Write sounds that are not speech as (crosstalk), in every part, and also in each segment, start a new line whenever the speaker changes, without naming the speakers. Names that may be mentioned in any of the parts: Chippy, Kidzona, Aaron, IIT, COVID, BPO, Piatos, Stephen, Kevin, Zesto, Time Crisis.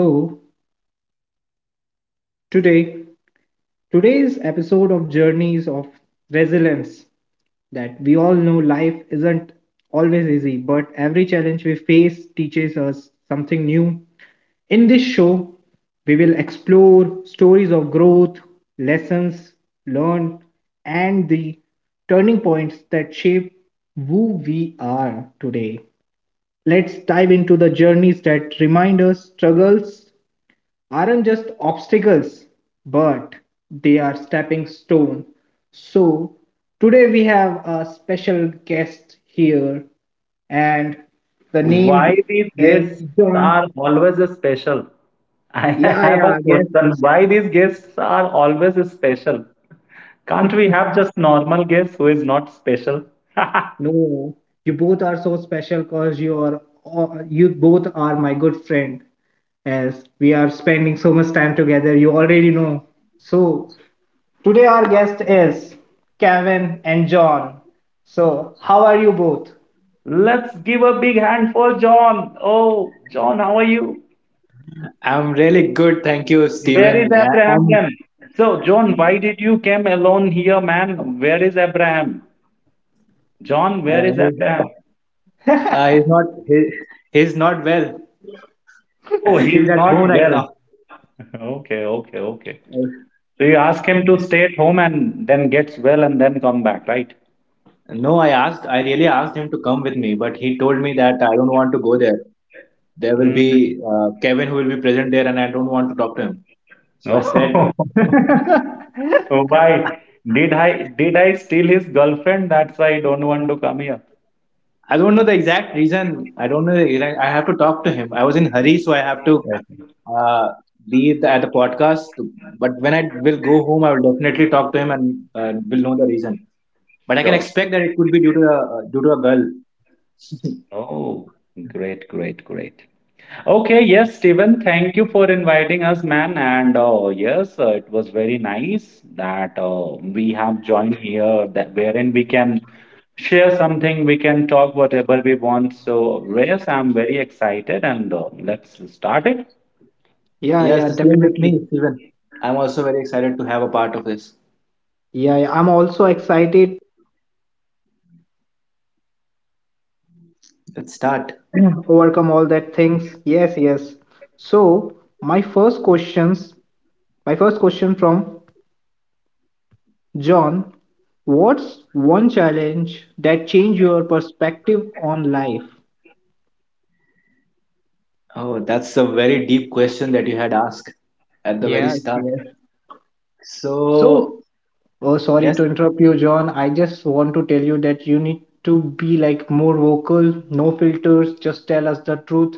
So, today today's episode of Journeys of Resilience that we all know life isn't always easy, but every challenge we face teaches us something new. In this show, we will explore stories of growth, lessons learned, and the turning points that shape who we are today. Let's dive into the journeys that remind us struggles aren't just obstacles, but they are stepping stone. So today we have a special guest here, and the
Why
name
these
is
guests
John.
are always special? (laughs) I
Yeah,
have a
yeah, yes.
question. Why these guests are always special? Can't we have just normal guests who is not special?
No, you both are so special because you both are my good friend as we are spending so much time together you already know, so today, our guest is Kevin and John. So, how are you both?
(laughs) Let's give a big hand for John. Oh, John, how are you?
I'm really good, thank you,
Where is
Stephen.
Abraham
I'm,
then? So, John, why did you came alone here, man? Where is Abraham? John, where
uh,
is
he's,
Abraham?
(laughs) Yeah,
he's not he, he's not well. (laughs)
Oh,
He's
he's
at home
not
right
well.
now.
(laughs) Okay, okay, okay.
Uh,
So you ask him to stay at home and then gets well and then come back, right?
No, I asked. I really asked him to come with me, but he told me that I don't want to go there. There will
Mm.
be Kevin who will be present there, and I don't want to talk to him. So I said,
(laughs) Oh, why? Did I steal his girlfriend? That's why I don't want to come here.
I don't know the exact reason. I don't know the exact. I have to talk to him. I was in hurry, so I have to
Yeah.
uh, be at the podcast. But when I will go home, I will definitely talk to him, and will know the reason. But I can
Sure.
expect that it could be due to a girl.
Oh, great, great, great. Okay, yes, Steven, thank you for inviting us, man. And yes, it was very nice that we have joined here, that wherein we can share something, we can talk whatever we want. So, yes, I'm very excited, and let's start it.
Yes,
yeah,
the same with
definitely.
me, Steven. I'm also very excited to have a part of this.
Yeah, yeah, I'm also excited
Let's start.
to overcome all that things. Yes, yes. So, my first question from John, what's one challenge that changed your perspective on life?
Oh, that's a very deep question that you had asked at the very
Yes,
start.
yes. So
So
Oh, sorry
yes,
to interrupt you, John. I just want to tell you that you need to be like more vocal, no filters, just tell us the truth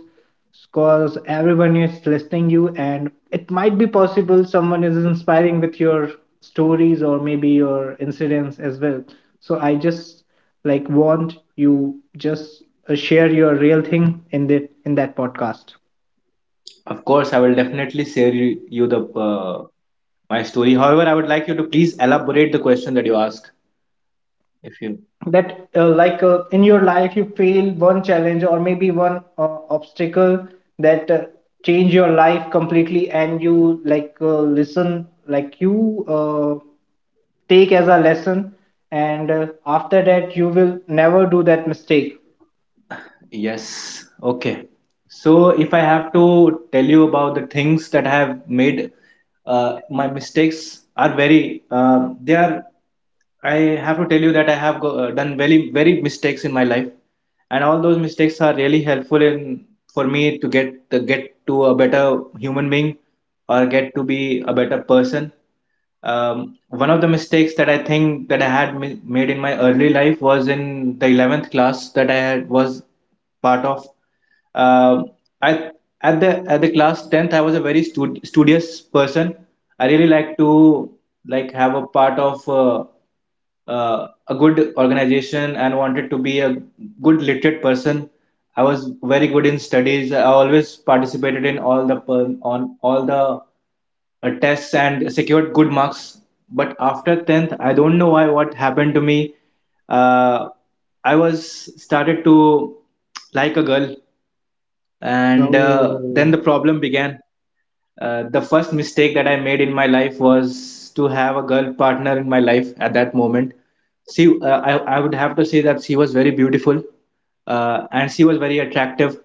because everyone is listening you and it might be possible someone is inspiring with your stories or maybe your incidents as well. So I just like want you just share your real thing in that podcast.
of course, I will definitely share you the uh, my story. However, I would like you to please elaborate the question that you ask. If you,
That like in your life you fail one challenge or maybe one obstacle that change your life completely and you like listen like you take as a lesson and after that you will never do that mistake.
yes, okay. So, if I have to tell you about the things that I have made, my mistakes are very, I have to tell you that I have done very, very mistakes in my life. And all those mistakes are really helpful in for me to get to a better human being, or get to be a better person. One of the mistakes that I think that I had made in my early life was in the 11th class that I had was part of. Um I At the class 10th I was a very studious person. I really like to like have a part of a good organization and wanted to be a good literate person. I was very good in studies. I always participated in all the per- on all the tests and secured good marks. But after 10th, I don't know why what happened to me. Uh, I was started to like a girl, and then
Oh,
the problem began. The first mistake that I made in my life was to have a girl partner in my life at that moment. I would have to say that she was very beautiful, and she was very attractive.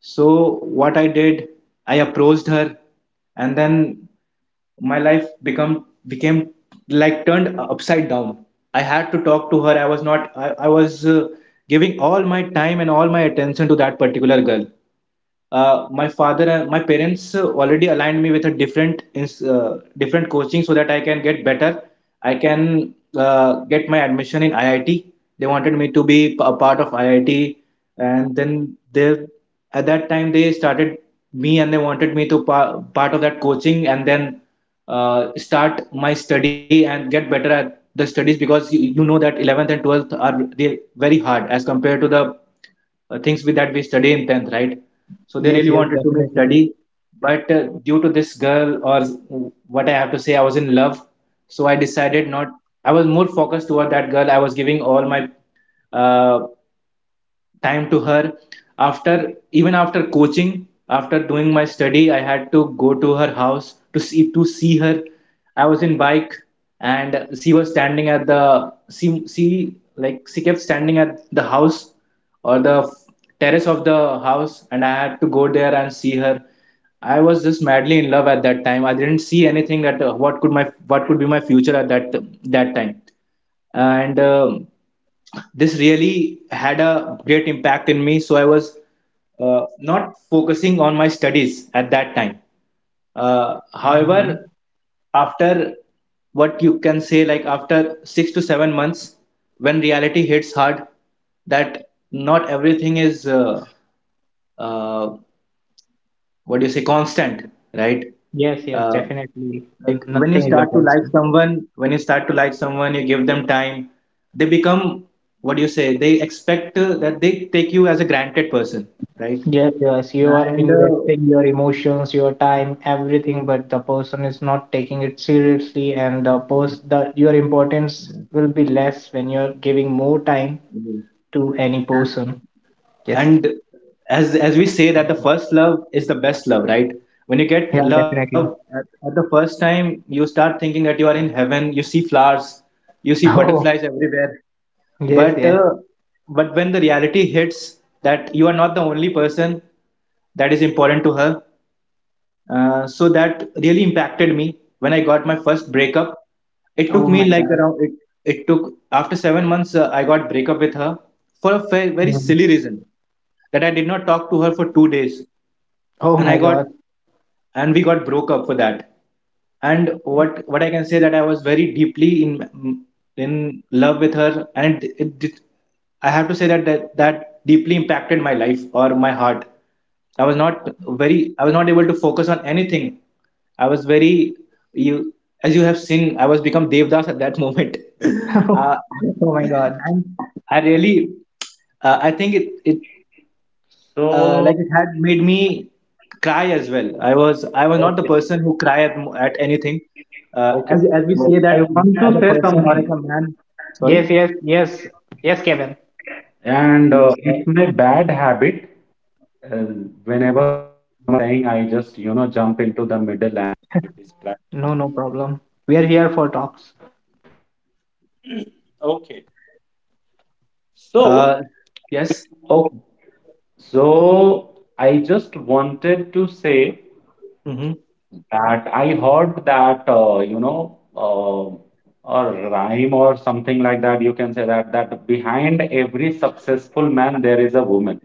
So, what I did, I approached her, and then my life become became like turned upside down. I had to talk to her. I was not. I was giving all my time and all my attention to that particular girl. My father and my parents already aligned me with a different coaching so that I can get better. I can get my admission in IIT. They wanted me to be a part of IIT, and then they at that time they started me, and they wanted me to part of that coaching, and then start my study and get better at the studies, because you know that 11th and 12th are very hard as compared to the things with that we study in 10th, right? So they
yes,
really
yes,
wanted to make
definitely.
study. But due to this girl, or what I have to say, I was in love. So I decided not. I was more focused toward that girl. I was giving all my uh, time to her. After, even after coaching, after doing my study, I had to go to her house to see her. I was in bike, and she was standing at the she like she kept standing at the house or the terrace of the house, and I had to go there and see her. I was just madly in love at that time. I didn't see anything that what could be my future at that time. And this really had a great impact in me, so I was not focusing on my studies at that time.
Hmm.
However, after what you can say, like after 6 to 7 months, when reality hits hard that not everything is uh, what do you say, constant, right?
Yes, yes,
uh,
definitely.
like when you
Nothing is a
start to like
constant.
someone, when you start to like someone, you give them time. They become, what do you say, they expect that they take you as a granted person, right?
Yes, yes, you are
and uh,
investing your emotions, your time, everything, but the person is not taking it seriously, and the post the your importance will be less when you're giving more time to any person. Yes,
and as we say that the first love is the best love, right? When you get
yeah,
love
definitely. (laughs)
at the first time, you start thinking that you are in heaven. You see flowers. You see butterflies
Oh,
everywhere.
yes,
but
yes.
uh, but when the reality hits that you are not the only person that is important to her, so that really impacted me when I got my first breakup. It took
Oh
me
my
like
God.
it took after 7 months. I got breakup with her for a very, very
Mm.
silly reason, that I did not talk to her for 2 days.
Oh
and i
my
got
God.
and we got broke up for that. And what I can say, that I was very deeply in love with her, and I have to say that, that deeply impacted my life or my heart. i was not I was not able to focus on anything. I was very you, as you have seen, I was become devdas at that moment. (laughs) uh,
(laughs) Oh my God.
and I really I think it
So,
like it had made me cry as well. I was not the
okay,
person who cry at anything.
okay.
As we
So,
say that
I
mm,
want
as
to
a
say
person or as
something,
a man. Sorry.
Yes, yes, yes, yes, Kevin.
and
Yes.
it's my bad habit. Uh, Whenever someone is saying, I just, jump in.
No, no problem. We are here for talks.
Uh, yes.
I just wanted to say
Hmm.
that I heard that you know a rhyme or something like that. You can say that behind every successful man there is a woman.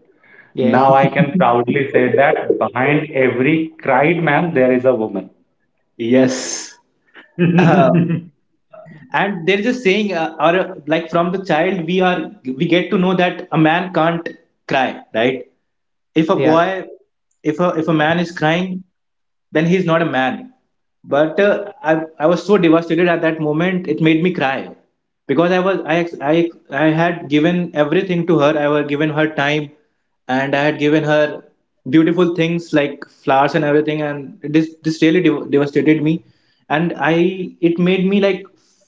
Now I
Yes,
can proudly say that behind every cried man there is a woman.
Yes. uh, and they're just saying or like from the child we get to know that a man can't cry, right? If a
yeah,
boy, if a man is crying, then he's not a man. But I was so devastated at that moment it made me cry, because I was I, ex- I had given everything to her. I had given her time, and I had given her beautiful things like flowers and everything. And this really devastated me. And I it made me like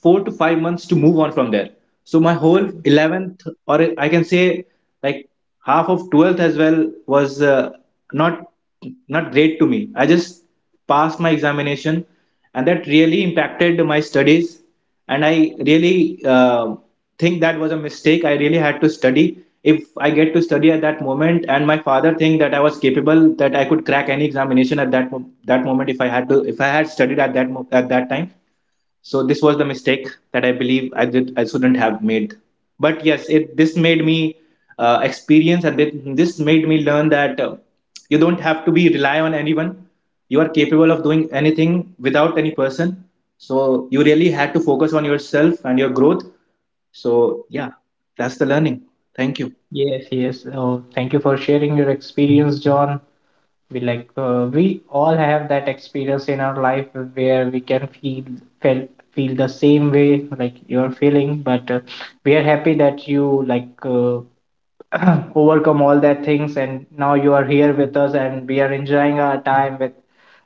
4 to 5 months to move on from there. So my whole 11th, or I can say like half of 12th as well, was not not great to me. I just passed my examination, and that really impacted my studies. And I really think that was a mistake. I really had to study. If I get to study at that moment, and my father think that I was capable, that I could crack any examination at that moment, if I had to, if I had studied at at that time. So this was the mistake that I believe I did, I shouldn't have made. But yes, it this made me experience, and this made me learn that you don't have to be rely on anyone. You are capable of doing anything without any person. So you really had to focus on yourself and your growth. So yeah, that's the learning. Thank you.
yes, yes. Oh, thank you for sharing your experience, John. We all have that experience in our life where we can feel feel the same way like you're feeling, but we are happy that you like (clears throat) overcome all that things and now you are here with us, and we are enjoying our time with,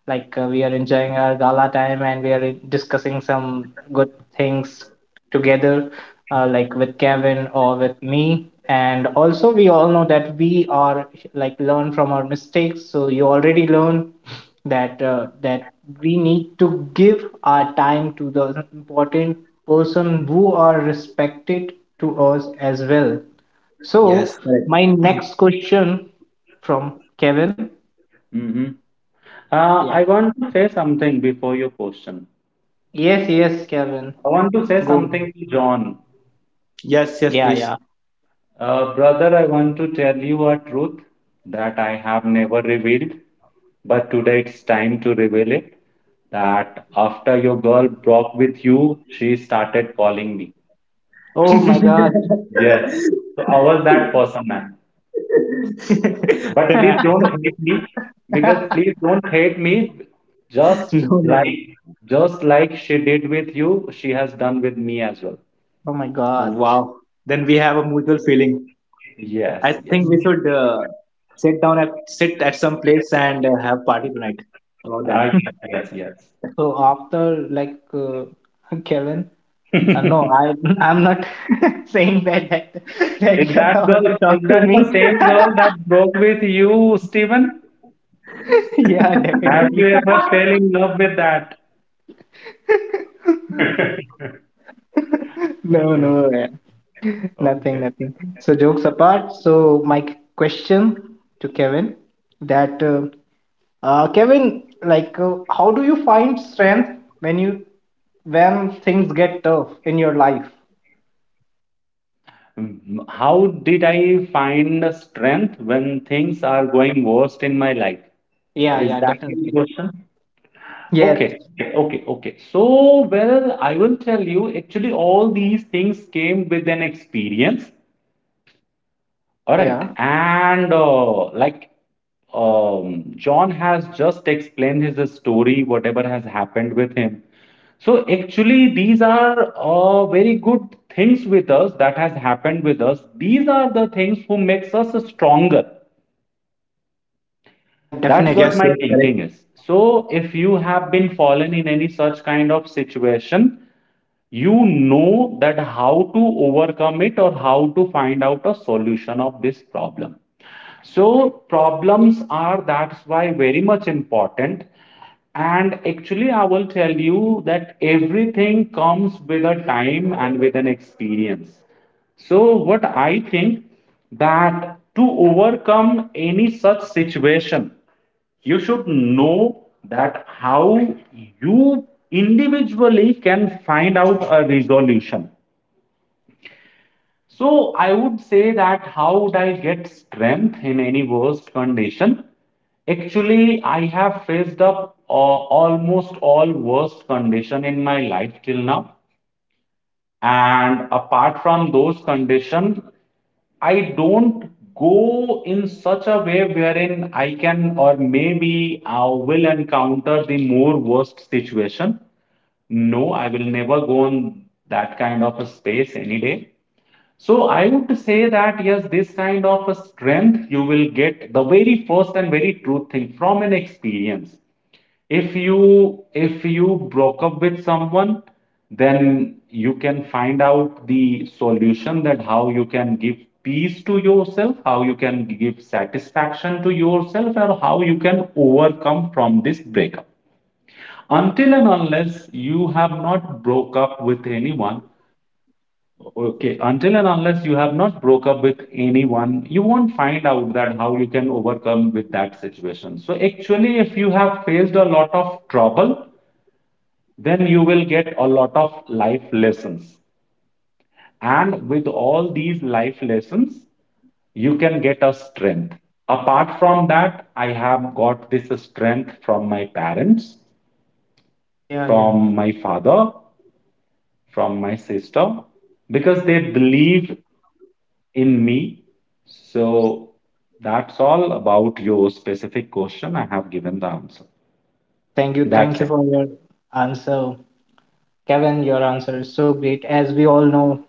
like we are enjoying our gala time, and we are discussing some good things together, like with Kevin or with me. And also we all know that we are like learn from our mistakes, so you already learn (laughs) that we need to give our time to the important person who are respected to us as well. So,
Yes, correct.
my next question from Kevin.
hmm
Yeah.
I want to say something before your question.
Yes, yes, Kevin.
I want to
Go.
say something to John.
Yeah,
Yes, yes,
yeah.
please.
Brother, I want to tell you a truth that I have never revealed, but today it's time to reveal it. That after your girl broke with you, she started calling me.
Oh my
(laughs)
God.
Yes. So I was that person, man. But please
then I,
don't hate me because
(laughs)
please don't hate me.
(laughs)
Just
no, no, no.
like just like she did with you, she has done with me as well.
Oh my God.
Wow. Then we have a mutual feeling. I
Yes,
think we
yes.
should
(laughs)
sit at some place and have party tonight about that.
Ah,
Mm.
yes, yes,
So after like (laughs) Kevin,
yes.
no,
(laughs)
I (laughs) I'm not (laughs) saying that that
Is
guy
that girl,
also
is
talk to
that the
me.
same girl that broke with you, Steven?
(laughs) Yeah,
Have
definitely.
you ever fell in love with that? (laughs)
(laughs)
Uh,
No, no. (laughs) Nothing,
okay.
nothing. So jokes apart. So my question to Kevin that Kevin, like, how do you find strength when you when things get tough in your life?
Mm, how did I find strength when things are going worst in my life?
Yeah,
Is
yeah,
that your
definitely.
question?
Yes.
Okay, okay, okay. So, well, I will tell you, actually, all these things came with an experience. All right.
Yeah.
And John has just explained his story, whatever has happened with him. So actually, these are very good things with us that has happened with us. These are the things who makes us stronger.
Yeah,
That's what
Yes,
definitely.
my
yes,
thinking
correct.
is. So if you have been fallen in any such kind of situation, you know that how to overcome it or how to find out a solution of this problem, so problems are that's why very much important. And actually I will tell you that everything comes with a time and with an experience. So what I think that to overcome any such situation, you should know that how you individually can find out a resolution. So I would say that how would I get strength in any worst condition? Actually, I have faced up almost all worst condition in my life till now. And apart from those conditions, I don't go in such a way wherein I can or maybe I will encounter the more worst situation. No, I will never go on that kind of a space any day. So I would say that yes, this kind of a strength you will get the very first and very true thing from an experience. If you broke up with someone, then you can find out the solution that how you can give peace to yourself, how you can give satisfaction to yourself, or how you can overcome from this breakup. Until and unless you have not broke up with anyone, okay, until and unless you have not broke up with anyone, you won't find out that how you can overcome with that situation. So actually, if you have faced a lot of trouble, then you will get a lot of life lessons. And with all these life lessons, you can get a strength. Apart from that, I have got this strength from my parents,
Yeah, yeah.
from my father, from my sister, because they believe in me. So that's all about your specific question. I have given the answer.
Thank you.
That's
Thank
it.
you for your answer. Kevin, your answer is so great. As we all know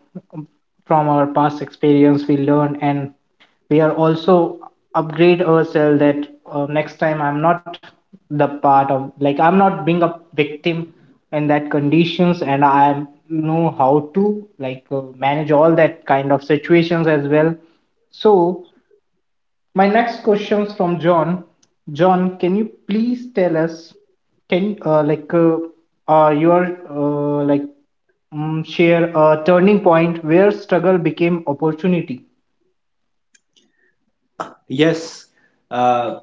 from our past experience, we learn and we are also upgrade ourselves that next time I'm not the part of like I'm not being a victim in that conditions, and I know how to like manage all that kind of situations as well. So my next question's from John. John, can you please tell us, can like your uh, like share a turning point where struggle became opportunity?
Yes, uh,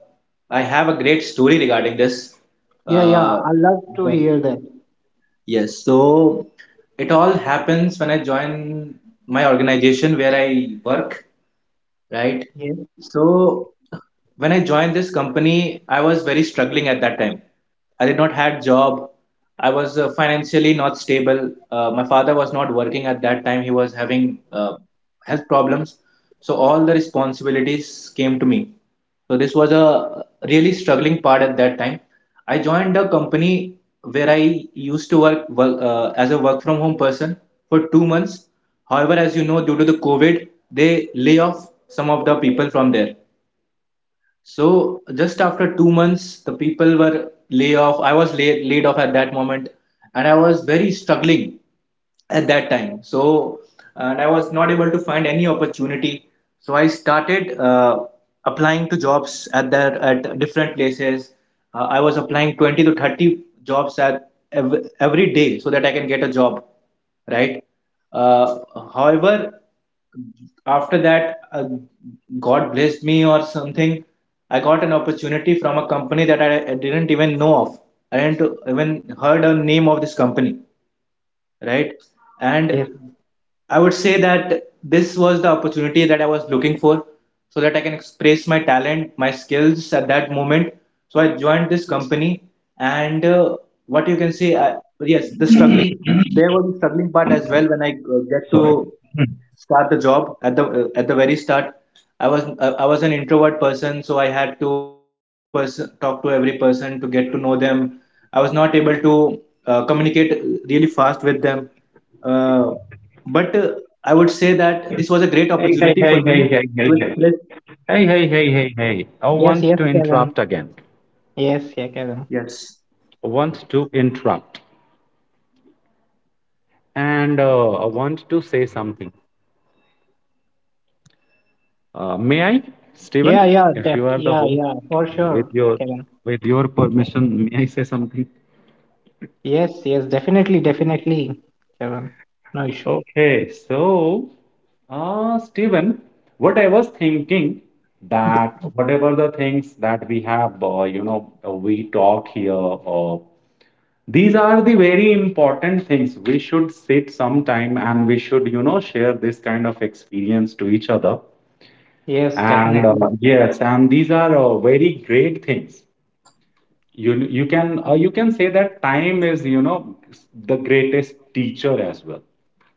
I have a great story regarding this.
Yeah, yeah,
Uh,
I love to
then-
hear that.
yes, so it all happens when I join my organization where I work, right?
Yes,
So when I joined this company, I was very struggling at that time. I did not had job. I was financially not stable. My father was not working at that time. He was having health problems. So all the responsibilities came to me. So this was a really struggling part at that time. I joined a company where I used to work as a work from home person for 2 months. However, as you know, due to the COVID, they lay off some of the people from there. So just after 2 months, the people were lay off. I was laid off at that moment, and I was very struggling at that time, so and I was not able to find any opportunity, so I started applying to jobs at that at different places. I was applying 20 to 30 jobs every day so that I can get a job, right. uh, However, after that, God blessed me or something. I got an opportunity from a company that I didn't even know of. I didn't even heard a name of this company, right? And
yes,
I would say that this was the opportunity that I was looking for so that I can express my talent, my skills at that moment. So I joined this company, and what you can say, yes, the struggling, there was a struggling part as well when I get
Sorry.
to start the job. At the at the very start, I was an introvert person, so I had to talk to every person to get to know them. I was not able to communicate really fast with them. Uh, but I would say that this was a great
Hey, hey,
opportunity
hey,
for
hey,
me
hey, hey,
to
hey.
express.
Hey, hey, hey, hey, hey. I
yes,
want
yes,
to
Kevin.
interrupt again.
Yes, yeah, Kevin.
Yes.
I want to interrupt. And I want to say something. May I, Stephen,
Yeah, yeah,
if
def
you are the
yeah,
host,
yeah, for
with
sure,
your
Kevin.
with your permission, may I say something?
Yes, yes, definitely, definitely, Kevin. No issue.
Okay, so Stephen, what I was thinking
D-
that whatever the things that we have, we talk here, these are the very important things. We should sit sometime and we should, share this kind of experience to each other.
Yes,
And
definitely.
yes, and these are very great things. You can you can say that time is, the greatest teacher as well.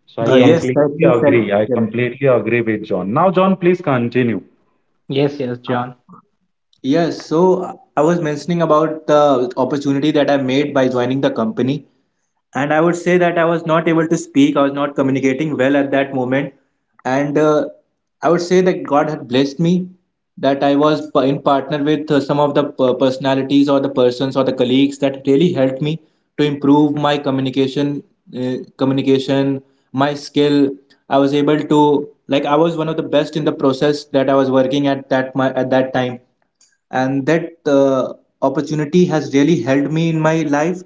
So I
Yes,
Yes,
completely
rightly said,
agree. I
Kevin.
completely agree with John. Now, John, please continue.
yes, yes,
Uh,
John.
yes, so I was mentioning about the opportunity that I made by joining the company, and I would say that I was not able to speak. I was not communicating well at that moment, and I would say that God had blessed me, that I was in partner with some of the personalities or the persons or the colleagues that really helped me to improve my communication. Communication, my skill. I was able to, like, I was one of the best in the process that I was working at that my at that time. And that opportunity has really helped me in my life.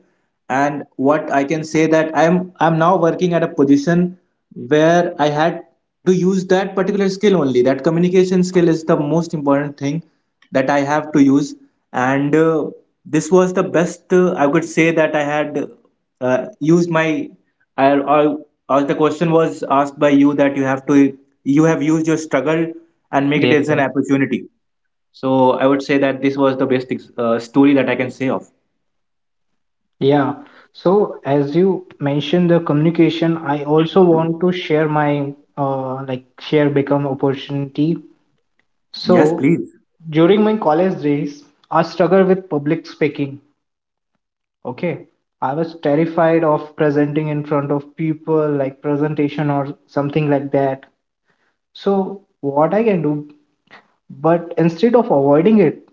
And what I can say, that I'm now working at a position where I had to use that particular skill only. That communication skill is the most important thing that I have to use. And this was the best, I could say, that I had used my I, I, as the question was asked by you, that you have to, you have used your struggle and make it
Yes,
as an
yes.
opportunity. So I would say that this was the best story that I can say of.
Yeah. So as you mentioned the communication, I also want to share my like share become opportunity.
Yes,
So
please.
during my college days, I struggled with public speaking. Okay. I was terrified of presenting in front of people, like presentation or something like that. So what I can do, but instead of avoiding it,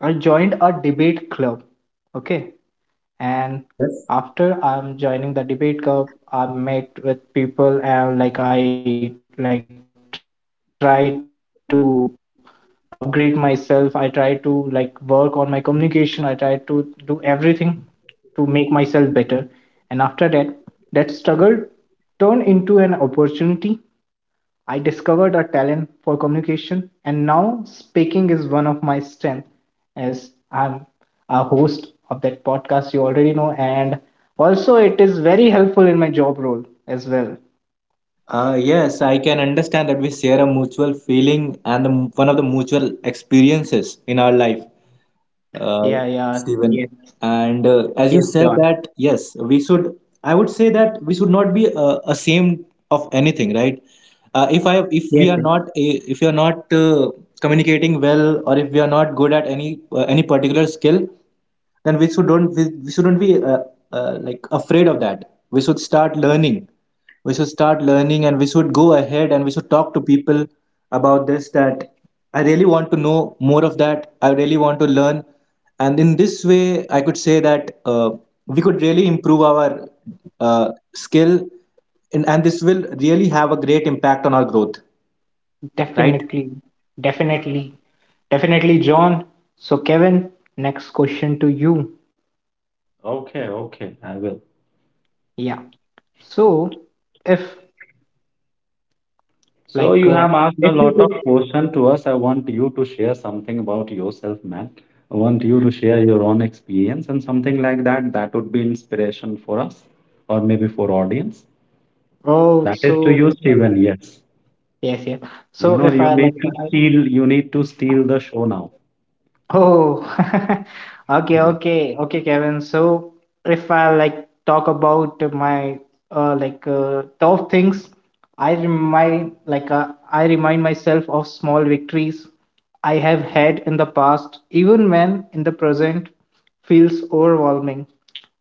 I joined a debate club. Okay. And
Yes.
after I'm joining the debate club, I met with people, and like I like try to upgrade myself. I try to like work on my communication, I try to do everything to make myself better. And after that struggle turned into an opportunity. I discovered a talent for communication, and now speaking is one of my strengths, as I'm a host of that podcast you already know, and also it is very helpful in my job role as well.
Yes, I can understand that we share a mutual feeling and the one of the mutual experiences in our life, uh,
Yeah, yeah,
Stephen.
yes,
And as you said
yes,
that,
John.
yes, we should. I would say that we should not be ashamed of anything, right? If I, if we are not
Yes, yes,
if you are not communicating well, or if we are not good at any particular skill, then we shouldn't be like afraid of that. We should start learning. We should start learning, and we should go ahead, and we should talk to people about this, that I really want to know more of that, I really want to learn. And in this way, I could say that we could really improve our skill. And this will really have a great impact on our growth, right.
definitely, definitely, definitely, John. So, Kevin, next question to you.
Okay, okay, I will.
Yeah. So, if
So
like
you
uh,
have asked
if
a
you
lot of
could,
questions to us. I want you to share something about yourself, man. I want you to share your own experience and something like that. That would be inspiration for us or maybe for audience.
oh,
That is to you,
so like,
Steven. Yes.
yes, yes.
You
So
know,
if I like,
you need to steal the show now.
oh, (laughs) okay,
Yes.
okay, okay, Kevin. So if I like talk about my like tough things, I remind myself of small victories I have had in the past, even when in the present feels overwhelming.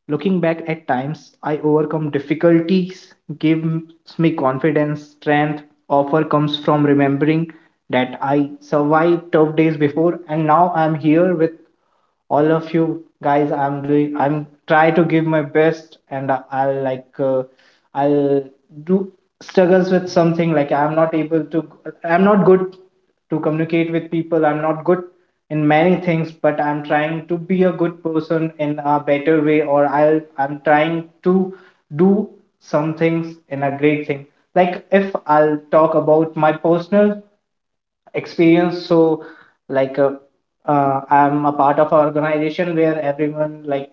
Looking back at times I overcome difficulties gives me confidence, strength. Offer comes from remembering that I survived tough days before, and now I'm here with all of you guys. I'm try to give my best, and I'll do struggles with something like I'm not good to communicate with people. I'm not good in many things, but I'm trying to be a good person in a better way, or I'm trying to do some things in a great thing. Like if I'll talk about my personal experience, so like I'm a part of an organization where everyone like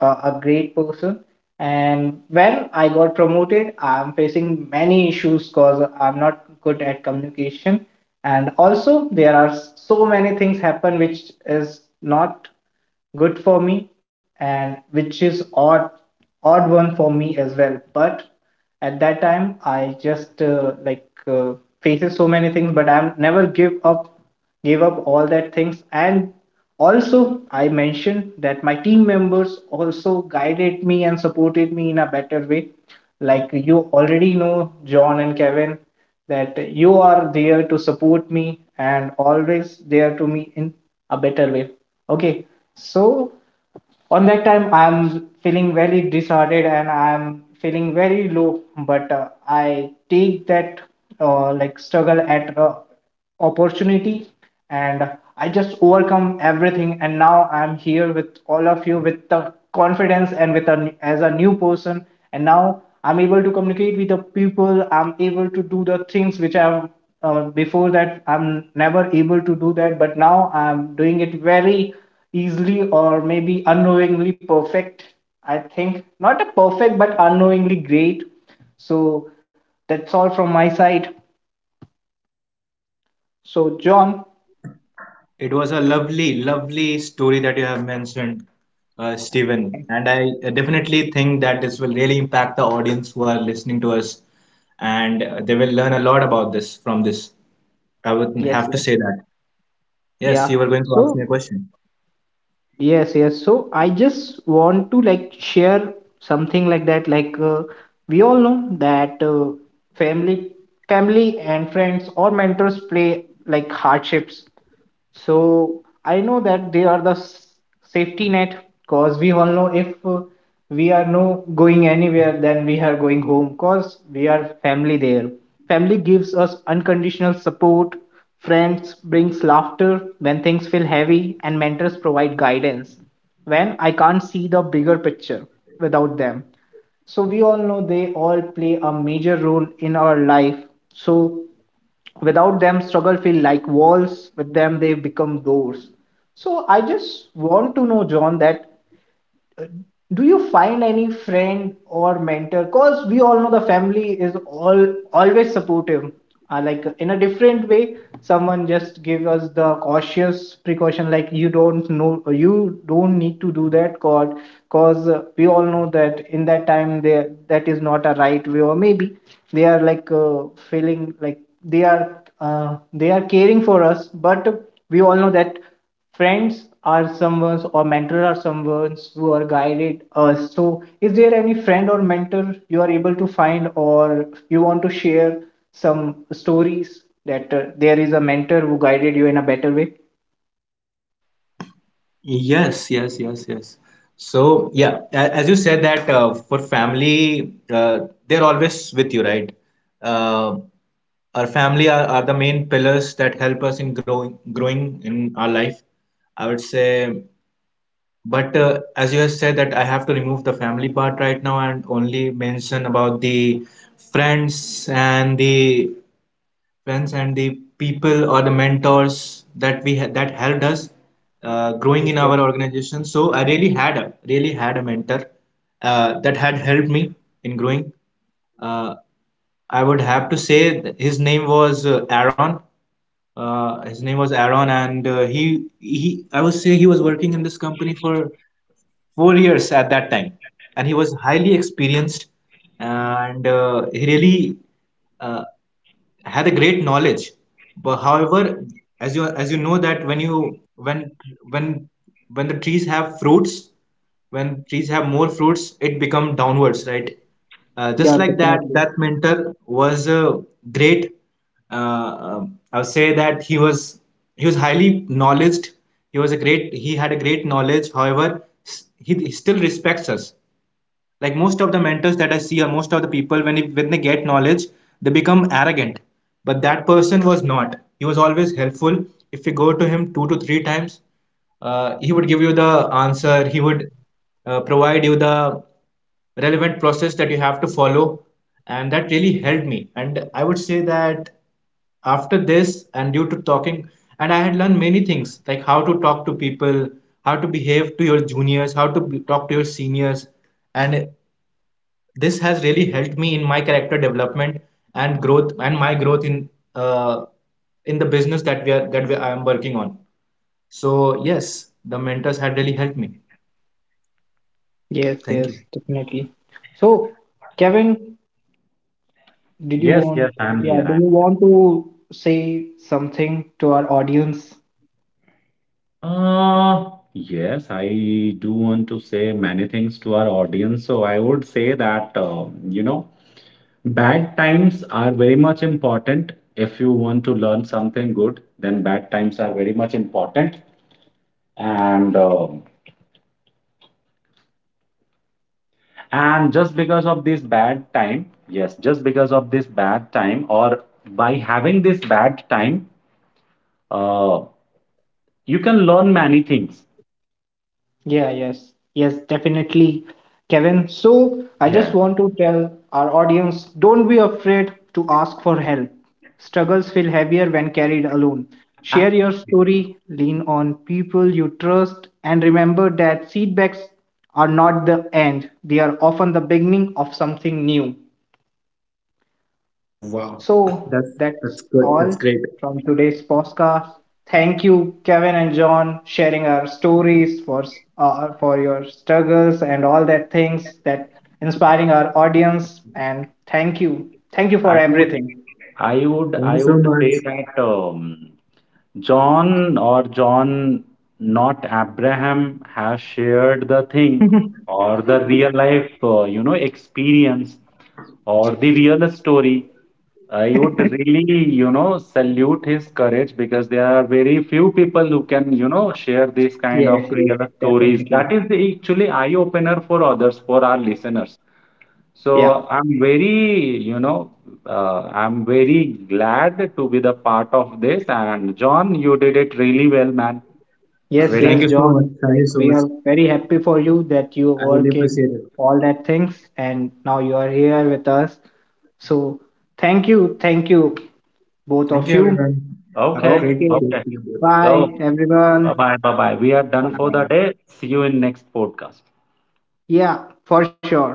a great person. And when I got promoted, I'm facing many issues because I'm not good at communication, and also there are so many things happen which is not good for me and which is odd one for me as well. But at that time I just like faces so many things, but I'm never give up gave up all that things. And also I mentioned that my team members also guided me and supported me in a better way. Like you already know, John and Kevin, that you are there to support me and always there to me in a better way. Okay, so on that time I'm feeling very disordered and I'm feeling very low, but I take that like struggle at opportunity. And I just overcome everything, and now I'm here with all of you with the confidence and with a as a new person. And now I'm able to communicate with the people, I'm able to do the things which I've before that I'm never able to do that, but now I'm doing it very easily or maybe unknowingly perfect. I think not a perfect, but unknowingly great. So that's all from my side. So, John,
It was a lovely, lovely story that you have mentioned, Stephen. And I definitely think that this will really impact the audience who are listening to us, and they will learn a lot about this from this. I would
yes,
have to
yes,
say that. Yes, you
yeah.
were going to ask
So,
me a question.
yes, yes. So I just want to like share something like that. Like we all know that family, family and friends or mentors play like hardships. So I know that they are the safety net, because we all know if we are no going anywhere, then we are going home because we are family there. Family gives us unconditional support. Friends brings laughter when things feel heavy, and mentors provide guidance when I can't see the bigger picture without them. So we all know they all play a major role in our life. So without them struggle feel like walls, with them they become doors. So I just want to know, John, that do you find any friend or mentor, because we all know the family is all always supportive, like in a different way. Someone just gave us the cautious precaution, like you don't know, you don't need to do that god, because we all know that in that time there that is not a right way, or maybe they are like feeling like they are caring for us. But we all know that friends are someone or mentor are someone who are guided us. So, is there any friend or mentor you are able to find, or you want to share some stories that there is a mentor who guided you in a better way?
Yes, yes, yes, yes. So, yeah, as you said that, for family, they're always with you, right? Uh, Our family are the main pillars that help us in growing in our life, I would say. But as you have said that, I have to remove the family part right now and only mention about the friends and the friends and the people or the mentors that that helped us growing
Yes,
in
yes.
our organization. So I really had, a mentor that had helped me in growing. Uh, I would have to say his name was Aaron. His name was Aaron, and he I would say he was working in this company for 4 years at that time, and he was highly experienced, and he really. Uh, Had a great knowledge. But however, as you know that when you when when the trees have fruits, when trees have more fruits, it become downwards, right. Just
Yeah,
like that,
definitely.
that mentor was a great, I'll say that he was highly knowledged. He was a great, he had a great knowledge. However, he still respects us. Like most of the mentors that I see, or most of the people, when, it, when they get knowledge, they become arrogant. But that person was not. He was always helpful. If you go to him two to three times, he would give you the answer. He would provide you the relevant process that you have to follow. And that really helped me. And I would say that after this, and due to talking, and I had learned many things, like how to talk to people, how to behave to your juniors, how to talk to your seniors. And this has really helped me in my character development and growth, and my growth uh, in the business that we are that we, I am working on. So yes, the mentors had really helped me.
Yes,
Thank you.
yes, definitely. So, Kevin, did you
Yes, yes,
want?
I'm
Yeah,
here.
do you
I'm
want to say something to our audience?
Yes, I do want to say many things to our audience. So I would say that, bad times are very much important. If you want to learn something good, then bad times are very much important. And um and just because of this bad time, yes, just because of this bad time, or by having this bad time, uh, you can learn many things.
Yeah, yes, yes, definitely, Kevin. So I just
Yes.
want to tell our audience don't be afraid to ask for help. Struggles feel heavier when carried alone.
I
Share your story, lean on people you trust, and remember that setbacks are not the end, they are often the beginning of something new.
Wow,
So
that's that's
that's
good.
all
That's great.
from today's podcast. Thank you, Kevin and John, sharing our stories for for your struggles and all that things that inspiring our audience. And thank you
I
for
would
everything.
I would
Thank you
I
so
would
much.
say that John or John, not Abraham, has shared the thing
(laughs)
or the real life you know experience or the real story. I would really you know salute his courage because there are very few people who can you know share these kind
Yes,
of
yes,
real stories. That
definitely.
is the actually eye opener for others for our listeners.
Yeah.
So I'm very, I'm very glad to be the part of this. And John, you did it really well, man.
Yes,
Very
Thank
yes,
you so much.
John.
Thank you
Like
so
we
much.
are very happy for you that you
I really
overcame
appreciate it.
all that things and now you are here with us. So thank you, both
Thank
of
you,
you.
everyone. Have a
okay.
great
Okay.
day to
Okay.
you both.
Bye,
So bye
everyone.
bye. Bye bye. We are done for
Bye.
the
Bye.
day. See you in next podcast.
Yeah, for sure.